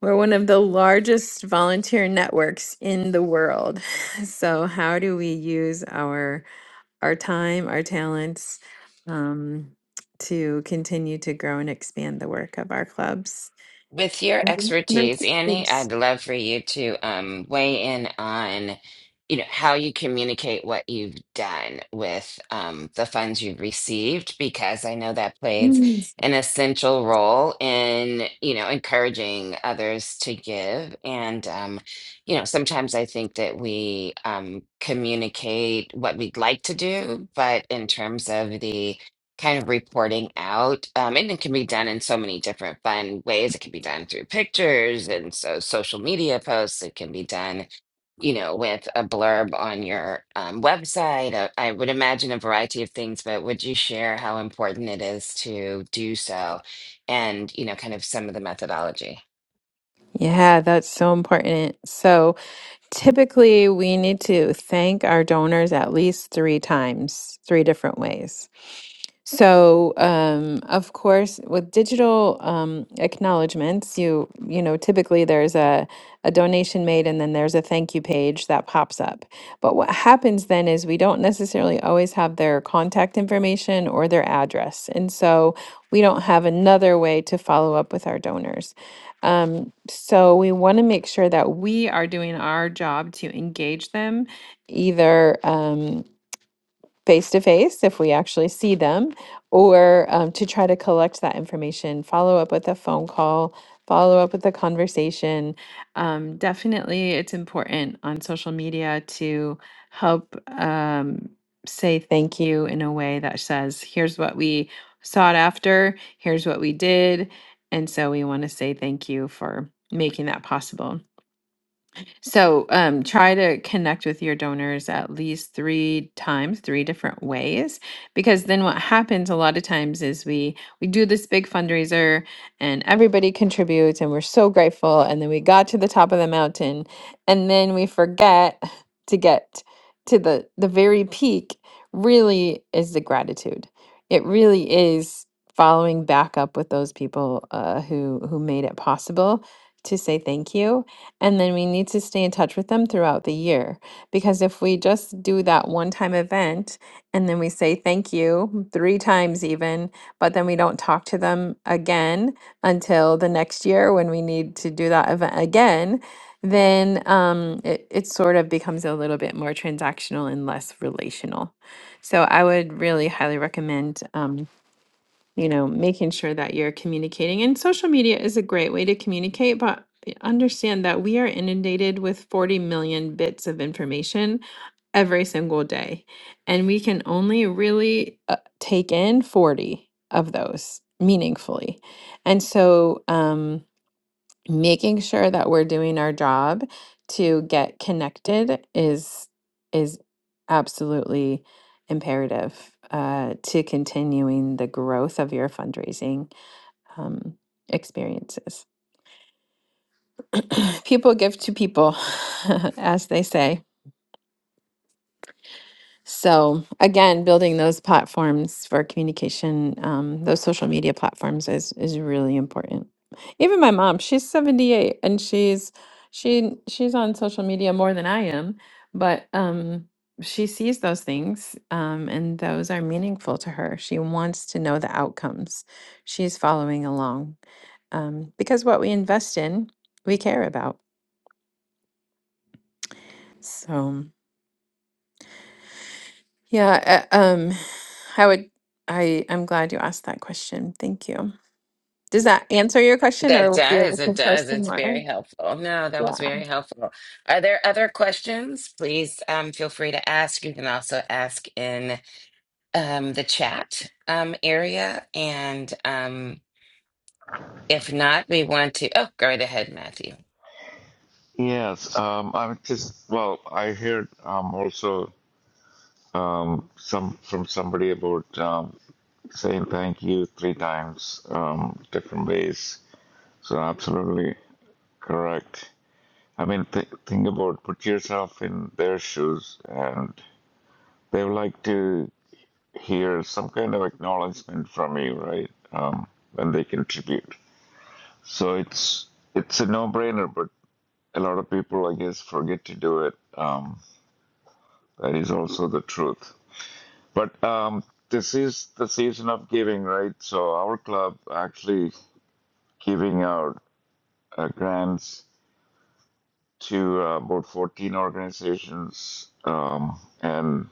S3: we're one of the largest volunteer networks in the world. So how do we use our our time, our talents um, to continue to grow and expand the work of our clubs.
S1: With your
S3: Mhm. And our
S1: expertise, Annie, I'd
S3: teachers.
S1: love for you to um, weigh in on, you know, how you communicate what you've done with um, the funds you've received, because I know that plays
S3: Mm.
S1: an essential role in, you know, encouraging others to give. And, um, you know, sometimes I think that we um, communicate what we'd like to do, but in terms of the kind of reporting out. Um, and it can be done in so many different fun ways. It can be done through pictures and so social media posts. It can be done, you know, with a blurb on your um, website. Uh, I would imagine a variety of things, but would you share how important it is to do so and, you know, kind of some of the methodology?
S3: Yeah, that's so important. So, Typically, we need to thank our donors at least three times, three different ways. So, um, of course, with digital um, acknowledgments, you you know typically there's a a donation made and then there's a thank you page that pops up. But what happens then is we don't necessarily always have their contact information or their address, and so we don't have another way to follow up with our donors. Um, so we want to make sure that we are doing our job to engage them, either. Um, face to face if we actually see them, or um, to try to collect that information, follow up with a phone call, follow up with a conversation. Um, definitely, it's important on social media to help um, say thank you in a way that says, here's what we sought after, here's what we did. And so we want to say thank you for making that possible. So um, try to connect with your donors at least three times, three different ways, because then what happens a lot of times is we we do this big fundraiser and everybody contributes and we're so grateful, and then we got to the top of the mountain, and then we forget to get to the the very peak. Really is the gratitude. It really is following back up with those people uh, who who made it possible to say thank you and then we need to stay in touch with them throughout the year. Because if we just do that one time event and then we say thank you three times, even, but then we don't talk to them again until the next year when we need to do that event again, then um, it, it sort of becomes a little bit more transactional and less relational. So I would really highly recommend um, you know, making sure that you're communicating. And social media is a great way to communicate, but understand that we are inundated with 40 million bits of information every single day. And we can only really uh, take in 40 of those meaningfully. And so, um, making sure that we're doing our job to get connected is is absolutely imperative uh, to continuing the growth of your fundraising um, experiences. people give to people, as they say. So again, building those platforms for communication, um, those social media platforms is is really important. Even my mom, she's 78 and she's she she's on social media more than I am, but um she sees those things um, and those are meaningful to her. She wants to know the outcomes. She's following along um, because what we invest in, we care about. So. Yeah, uh, um, I would, I, I'm glad you asked that question. Thank you. Does that answer your question
S1: That
S3: or what you're
S1: does. It
S3: looking for
S1: does.
S3: some
S1: It's
S3: more?
S1: very helpful. No, that
S3: Yeah.
S1: was very helpful. Are there other questions? Please um, feel free to ask. You can also ask in um, the chat um, area. And um, if not, we want to. Oh, go right ahead, Matthew.
S2: Yes, um, I'm just well. I heard um, also some from somebody about um, saying thank you three times, um, different ways. So absolutely, Correct. I mean, th think about put yourself in their shoes, and they would like to hear some kind of acknowledgement from you, right? Um, when they contribute. So it's it's a no-brainer, but a lot of people, I guess, forget to do it. Um, that is also the truth. But um, this is the season of giving, right? So our club actually giving out uh, grants to uh, about 14 organizations, um, and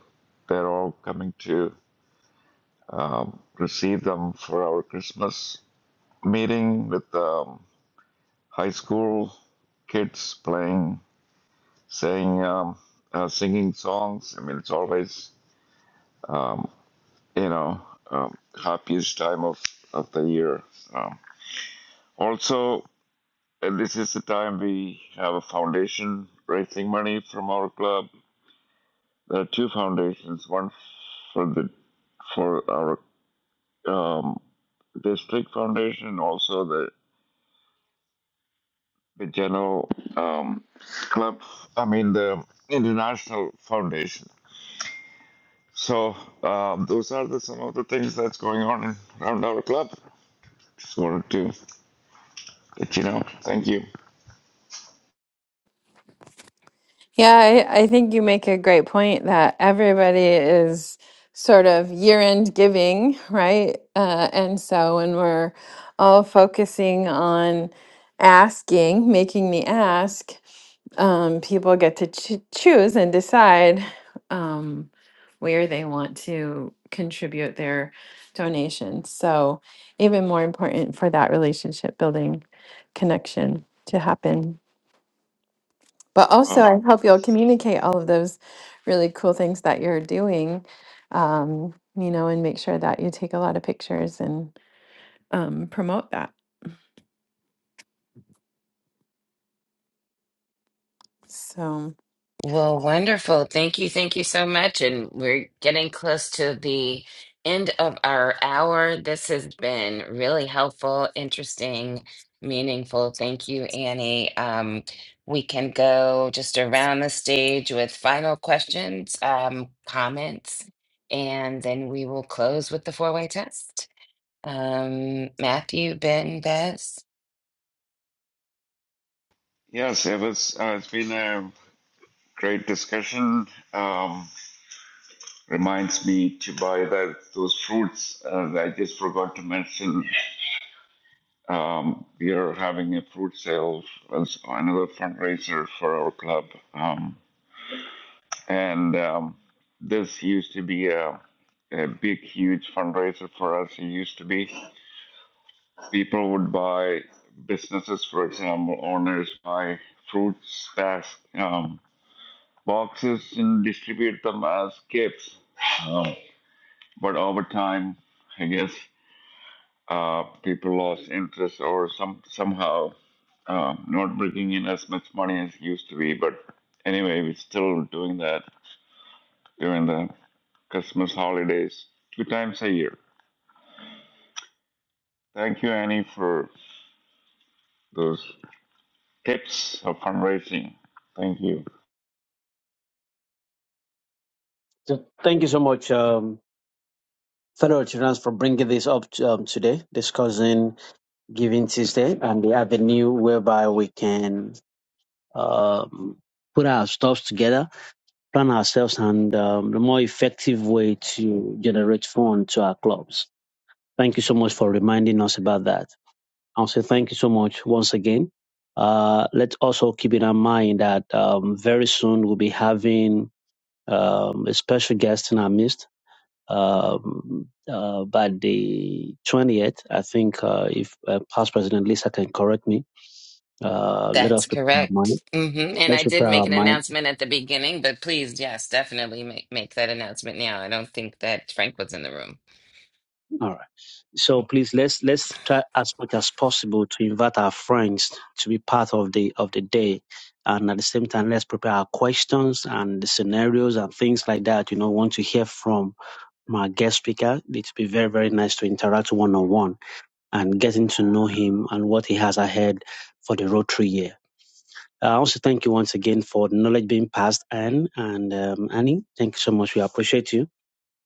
S2: they're all coming to receive them for our Christmas meeting with um, high school kids playing, saying, um, uh, singing songs. I mean, it's always, you know, um, happiest time of, of the year. Um, also, uh, this is the time we have a foundation raising money from our club. There are two foundations, one for the for our um, district foundation, also the the general um, club. I mean the international foundation. So um, those are the, some of the things that's going on around our club. Just wanted to let you know. Thank you.
S3: Yeah, I, I think you make a great point that everybody is sort of year-end giving, right? Uh, and so when we're all focusing on asking, making the ask, um, people get to ch- choose and decide um, where they want to contribute their donations. So even more important for that relationship building connection to happen. But also,
S2: Um,
S3: I hope you'll communicate all of those really cool things that you're doing, um, you know, and make sure that you take a lot of pictures and um, promote that. So,
S1: Well, wonderful. Thank you. Thank you so much. And we're getting close to the end of our hour. This has been really helpful, interesting, meaningful. Thank you, Annie. Um, we can go just around the stage with final questions, um, comments, and then we will close with the four way test. Um, Matthew, Ben, Bess.
S2: yes, it was. Uh, it's been a great discussion. Um, reminds me to buy that those fruits uh, that I just forgot to mention Um, we are having a fruit sale as another fundraiser for our club. Um, and um, this used to be a, a big, huge fundraiser for us. It used to be people would buy businesses, for example, owners buy fruit stacks, um, boxes, and distribute them as gifts. Um, but over time, I guess Uh, people lost interest or some somehow uh, not bringing in as much money as used to be. But anyway, we're still doing that during the Christmas holidays two times a year. Thank you, Annie, for those tips of fundraising. Thank you.
S4: So thank you so much, um, fellow Chirans, for bringing this up to, um, today, discussing Giving Tuesday and the avenue whereby we can um, put our stuff together, plan ourselves, and um, the more effective way to generate funds to our clubs. Thank you so much for reminding us about that. I'll say thank you so much once again. Uh, let's also keep in our mind that um, very soon we'll be having um, a special guest in our midst. Um, uh, by the 20th, I think uh, if uh, past President Lisa can correct me, uh, let
S1: That's
S4: us prepare our
S1: correct.
S4: mind.
S1: hmm And
S4: Let's
S1: I did
S4: prepare
S1: make
S4: our
S1: an
S4: mind.
S1: announcement at the beginning, but please, yes, definitely make, make that announcement now. I don't think that Frank was in the room.
S4: All right. So please let's let's try as much as possible to invite our friends to be part of the of the day. And at the same time, let's prepare our questions and the scenarios and things like that. You know, want to hear from my guest speaker. It'd be very, very nice to interact one on one and getting to know him and what he has ahead for the Rotary year. I also thank you once again for the knowledge being passed, Anne and um, Annie. Thank you so much. We appreciate you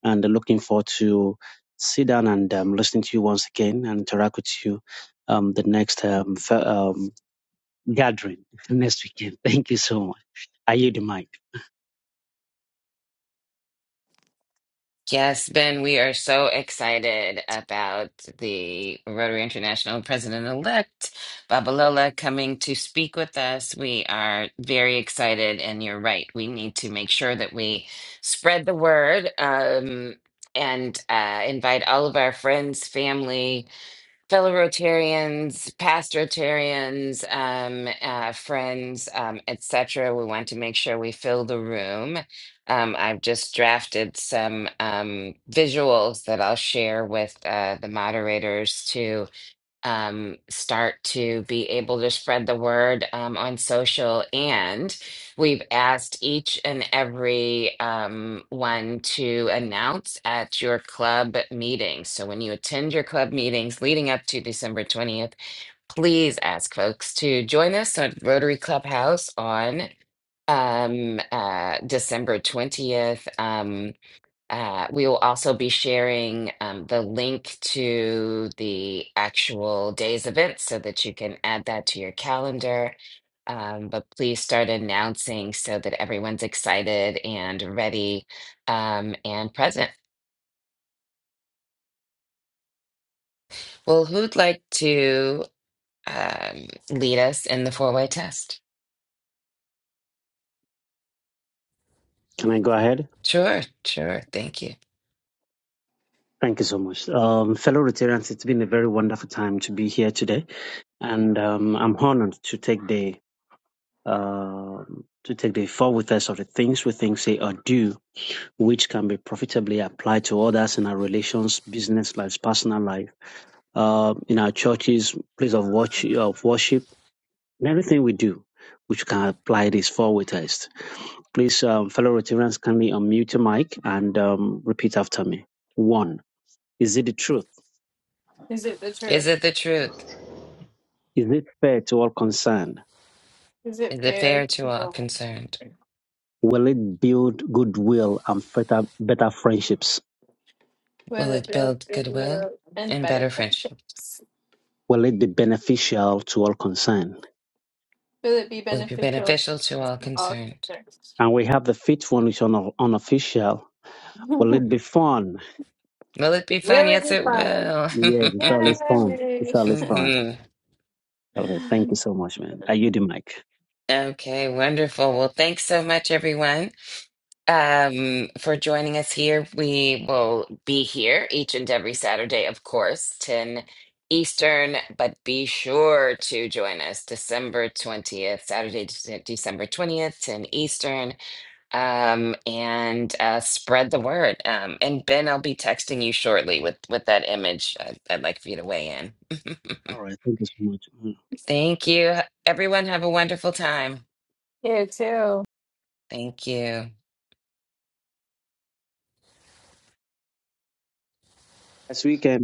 S4: and looking forward to sit down and um, listening to you once again and interact with you um, the next um, fe- um, gathering next weekend. Thank you so much. I yield the mic.
S1: Yes, Ben, we are so excited about the Rotary International President-elect Babalola coming to speak with us. We are very excited, and you're right. We need to make sure that we spread the word um, and uh, invite all of our friends, family, fellow Rotarians, past Rotarians, um, uh, friends, um, etc. We want to make sure we fill the room. Um, I've just drafted some um, visuals that I'll share with uh, the moderators to um, start to be able to spread the word um, on social. And we've asked each and every um, one to announce at your club meetings. So when you attend your club meetings leading up to December 20th, please ask folks to join us at Rotary Clubhouse on um uh December 20th. Um uh, we will also be sharing um, the link to the actual day's event so that you can add that to your calendar. Um, but please start announcing so that everyone's excited and ready um, and present. Well, who'd like to um, lead us in the four-way test?
S4: Can I go ahead?
S1: Sure, sure. Thank you.
S4: Thank you so much. Um, fellow Rotarians, it's been a very wonderful time to be here today, and um, I'm honored to take the um to take the four with us of the things we think, say, or do, which can be profitably applied to others in our relations, business lives, personal life uh, in our churches, place of worship, of worship, and everything we do, which can apply this four-way test. Please, um, fellow Rotarians, kindly unmute your mic and um, repeat after me. One, is it the truth?
S3: is it the
S1: Is
S3: truth?
S1: it the truth?
S4: Is it fair to all concerned?
S3: Is it
S1: Is it
S3: fair
S1: fair to
S3: to
S1: all
S3: all?
S1: concerned?
S4: Will it build goodwill and better, better friendships?
S3: Will
S1: Will
S3: it
S1: it
S3: build
S1: build goodwill
S3: goodwill and
S1: and
S3: better
S1: better friendship?
S3: friendships?
S4: Will it be beneficial to all concerned?
S3: Will it be
S1: will be
S3: beneficial
S1: beneficial to
S3: to
S1: all
S3: all
S1: concerned.
S3: concerned?
S4: And we have the fifth one, which is uno- unofficial. Will it be fun?
S1: Will it be
S3: Will
S1: fun?
S3: it
S1: Yes,
S3: be
S1: it
S3: fun?
S1: will.
S4: Yes, it's always fun. It's
S3: Yay!
S4: always fun.
S1: hmm
S4: Okay, thank you so much, man. Are you the mic?
S1: Okay, wonderful. Well, thanks so much, everyone, um, for joining us here. We will be here each and every Saturday, of course, 10 Eastern, but be sure to join us December 20th, Saturday, Dec- December 20th, 10 Eastern. um, and uh, spread the word. Um, and Ben, I'll be texting you shortly with with that image. I'd, I'd like for you to weigh in.
S4: All right. Thank you so much. Mm.
S1: Thank you. Everyone, have a wonderful time.
S3: Ew.
S1: Thank you.
S4: As we can.